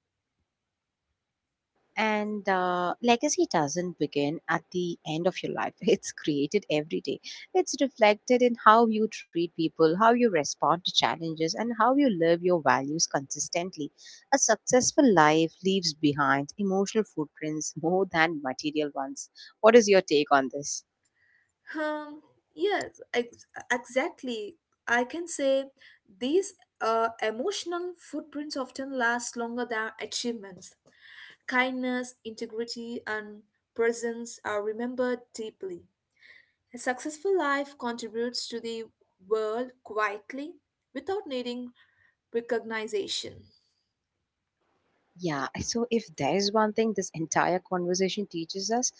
Speaker 1: And uh, legacy doesn't begin at the end of your life. It's created every day. It's reflected in how you treat people, how you respond to challenges, and how you live your values consistently. A successful life leaves behind emotional footprints more than material ones. What is your take on this?
Speaker 2: Um, yes, ex- exactly. I can say these uh, emotional footprints often last longer than achievements. Kindness, integrity, and presence are remembered deeply. A successful life contributes to the world quietly without needing recognition.
Speaker 1: Yeah, so if there's one thing this entire conversation teaches us,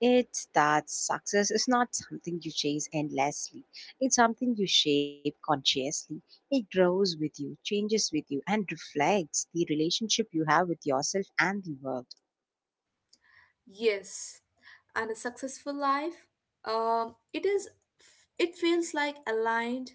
Speaker 1: it's that success is not something you chase endlessly. It's something you shape consciously. It grows with you, changes with you, and reflects the relationship you have with yourself and the world.
Speaker 2: Yes, and a successful life, um, it is, it feels like aligned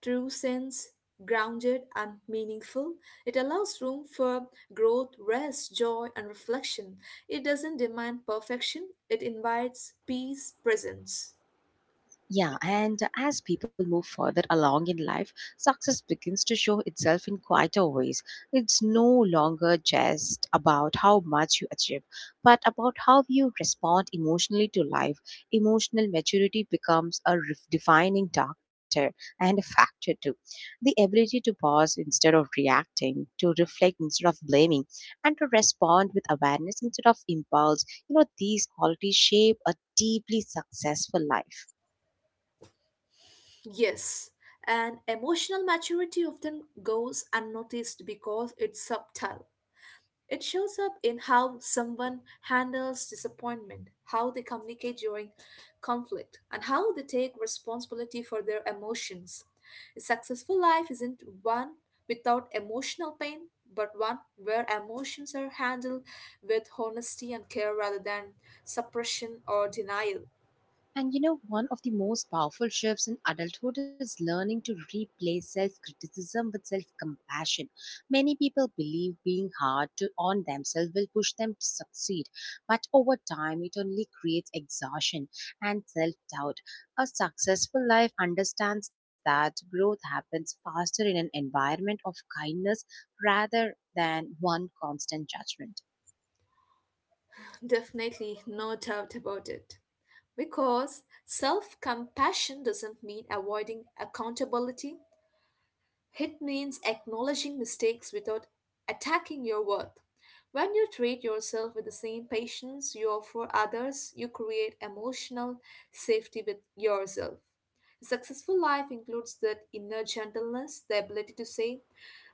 Speaker 2: true sense, grounded and meaningful. It allows room for growth, rest, joy and reflection. It doesn't demand perfection, it invites peace, presence.
Speaker 1: Yeah, and as people move further along in life, success begins to show itself in quieter ways. It's no longer just about how much you achieve, but about how you respond emotionally to life. Emotional maturity becomes a ref- defining doctor and a factor too. The ability to pause instead of reacting, to reflect instead of blaming, and to respond with awareness instead of impulse. You know, these qualities shape a deeply successful life.
Speaker 2: Yes, and emotional maturity often goes unnoticed because it's subtle. It shows up in how someone handles disappointment, how they communicate during conflict, and how they take responsibility for their emotions. A successful life isn't one without emotional pain, but one where emotions are handled with honesty and care rather than suppression or denial.
Speaker 1: And you know, one of the most powerful shifts in adulthood is learning to replace self criticism with self compassion. Many people believe being hard to, on themselves will push them to succeed, but over time it only creates exhaustion and self doubt. A successful life understands that growth happens faster in an environment of kindness rather than one constant judgment.
Speaker 2: Definitely, no doubt about it. Because self compassion doesn't mean avoiding accountability, it means acknowledging mistakes without attacking your worth. When you treat yourself with the same patience you offer others, you create emotional safety with yourself. A successful life includes that inner gentleness, the ability to say,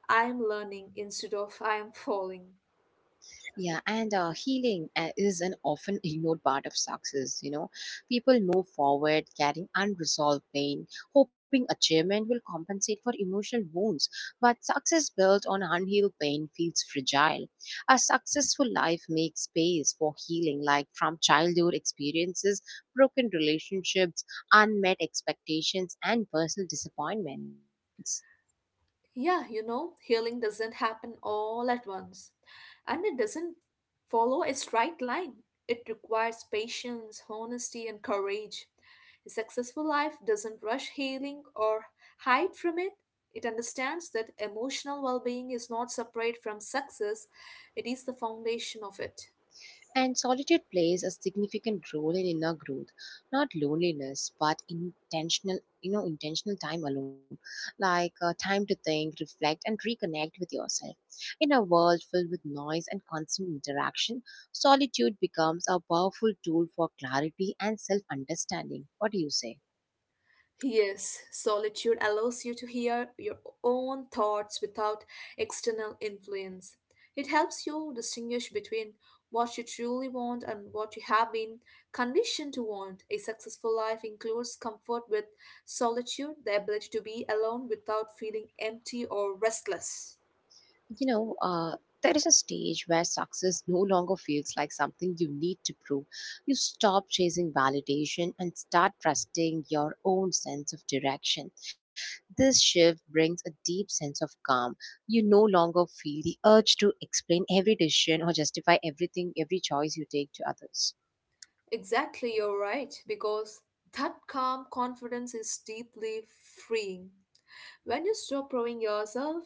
Speaker 2: I am learning instead of I am falling.
Speaker 1: Yeah, and uh, healing uh, is an often ignored part of success. You know, people move forward carrying unresolved pain, hoping achievement will compensate for emotional wounds. But success built on unhealed pain feels fragile. A successful life makes space for healing, like from childhood experiences, broken relationships, unmet expectations, and personal disappointments.
Speaker 2: Yeah, you know, healing doesn't happen all at once, and it doesn't follow a straight line. It requires patience, honesty, and courage. A successful life doesn't rush healing or hide from it. It understands that emotional well being is not separate from success, it is the foundation of it.
Speaker 1: And solitude plays a significant role in inner growth, not loneliness, but intentional, you know, intentional time alone, like uh, time to think, reflect, and reconnect with yourself. In a world filled with noise and constant interaction, solitude becomes a powerful tool for clarity and self understanding. What do you say?
Speaker 2: Yes, solitude allows you to hear your own thoughts without external influence. It helps you distinguish between what you truly want and what you have been conditioned to want. A successful life includes comfort with solitude, the ability to be alone without feeling empty or restless.
Speaker 1: You know, uh, there is a stage where success no longer feels like something you need to prove. You stop chasing validation and start trusting your own sense of direction. This shift brings a deep sense of calm. You no longer feel the urge to explain every decision or justify everything, every choice you take to others.
Speaker 2: Exactly, you're right, because that calm confidence is deeply freeing. When you stop proving yourself,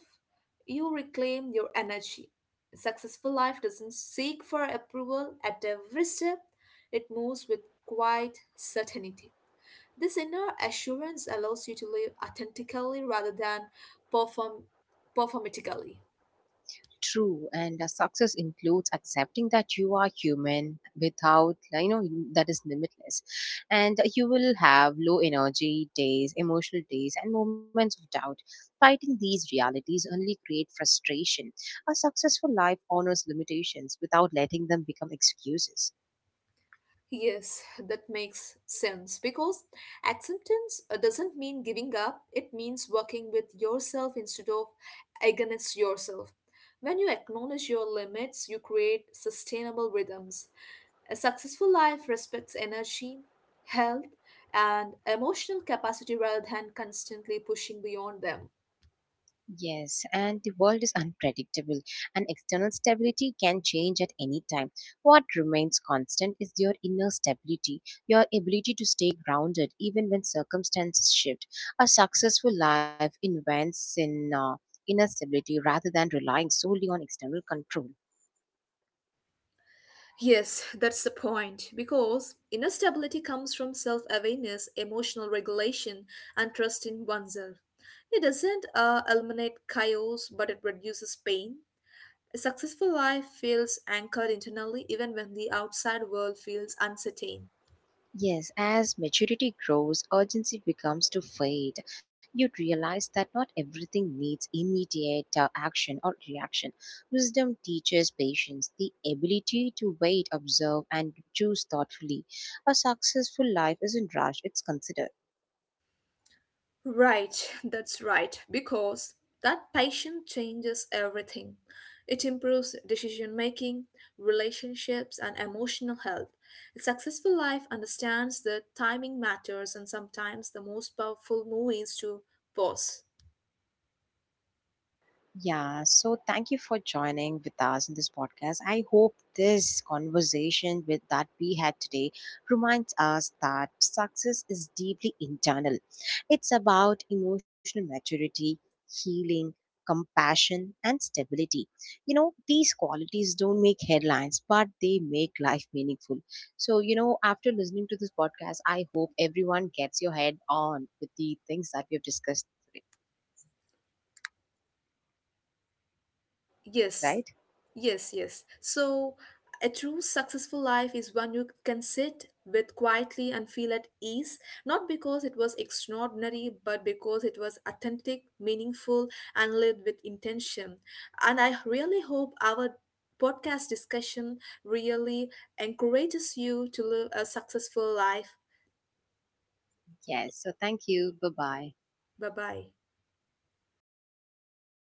Speaker 2: you reclaim your energy. A successful life doesn't seek for approval at every step, it moves with quiet certainty. This inner assurance allows you to live authentically rather than perform performatically.
Speaker 1: True, and uh, success includes accepting that you are human without, like, you know, that is limitless. And you will have low energy days, emotional days, and moments of doubt. Fighting these realities only create frustration. A successful life honors limitations without letting them become excuses.
Speaker 2: Yes, that makes sense because acceptance uh, doesn't mean giving up, it means working with yourself instead of against yourself. When you acknowledge your limits, you create sustainable rhythms. A successful life respects energy, health, and emotional capacity rather than constantly pushing beyond them.
Speaker 1: Yes, and the world is unpredictable, and external stability can change at any time. What remains constant is your inner stability, your ability to stay grounded even when circumstances shift. A successful life invents in uh, inner stability rather than relying solely on external control.
Speaker 2: Yes, that's the point. Because inner stability comes from self awareness, emotional regulation, and trust in oneself. It doesn't uh, eliminate chaos, but it reduces pain. A successful life feels anchored internally even when the outside world feels uncertain.
Speaker 1: Yes, as maturity grows, urgency becomes to fade. You realize that not everything needs immediate uh, action or reaction. Wisdom teaches patience, the ability to wait, observe, and choose thoughtfully. A successful life isn't rushed, it's considered.
Speaker 2: Right, that's right, because that passion changes everything. It improves decision making, relationships, and emotional health. A successful life understands that timing matters, and sometimes the most powerful move is to pause.
Speaker 1: Yeah, so thank you for joining with us in this podcast. I hope this conversation with that we had today reminds us that success is deeply internal. It's about emotional maturity, healing, compassion, and stability. You know, these qualities don't make headlines, but they make life meaningful. So, you know, after listening to this podcast, I hope everyone gets your head on with the things that we have discussed today, right?
Speaker 2: Yes, yes, yes. So, a true successful life is one you can sit with quietly and feel at ease, not because it was extraordinary, but because it was authentic, meaningful, and lived with intention. And I really hope our podcast discussion really encourages you to live a successful life.
Speaker 1: Yes. So thank you. Bye bye.
Speaker 2: Bye bye.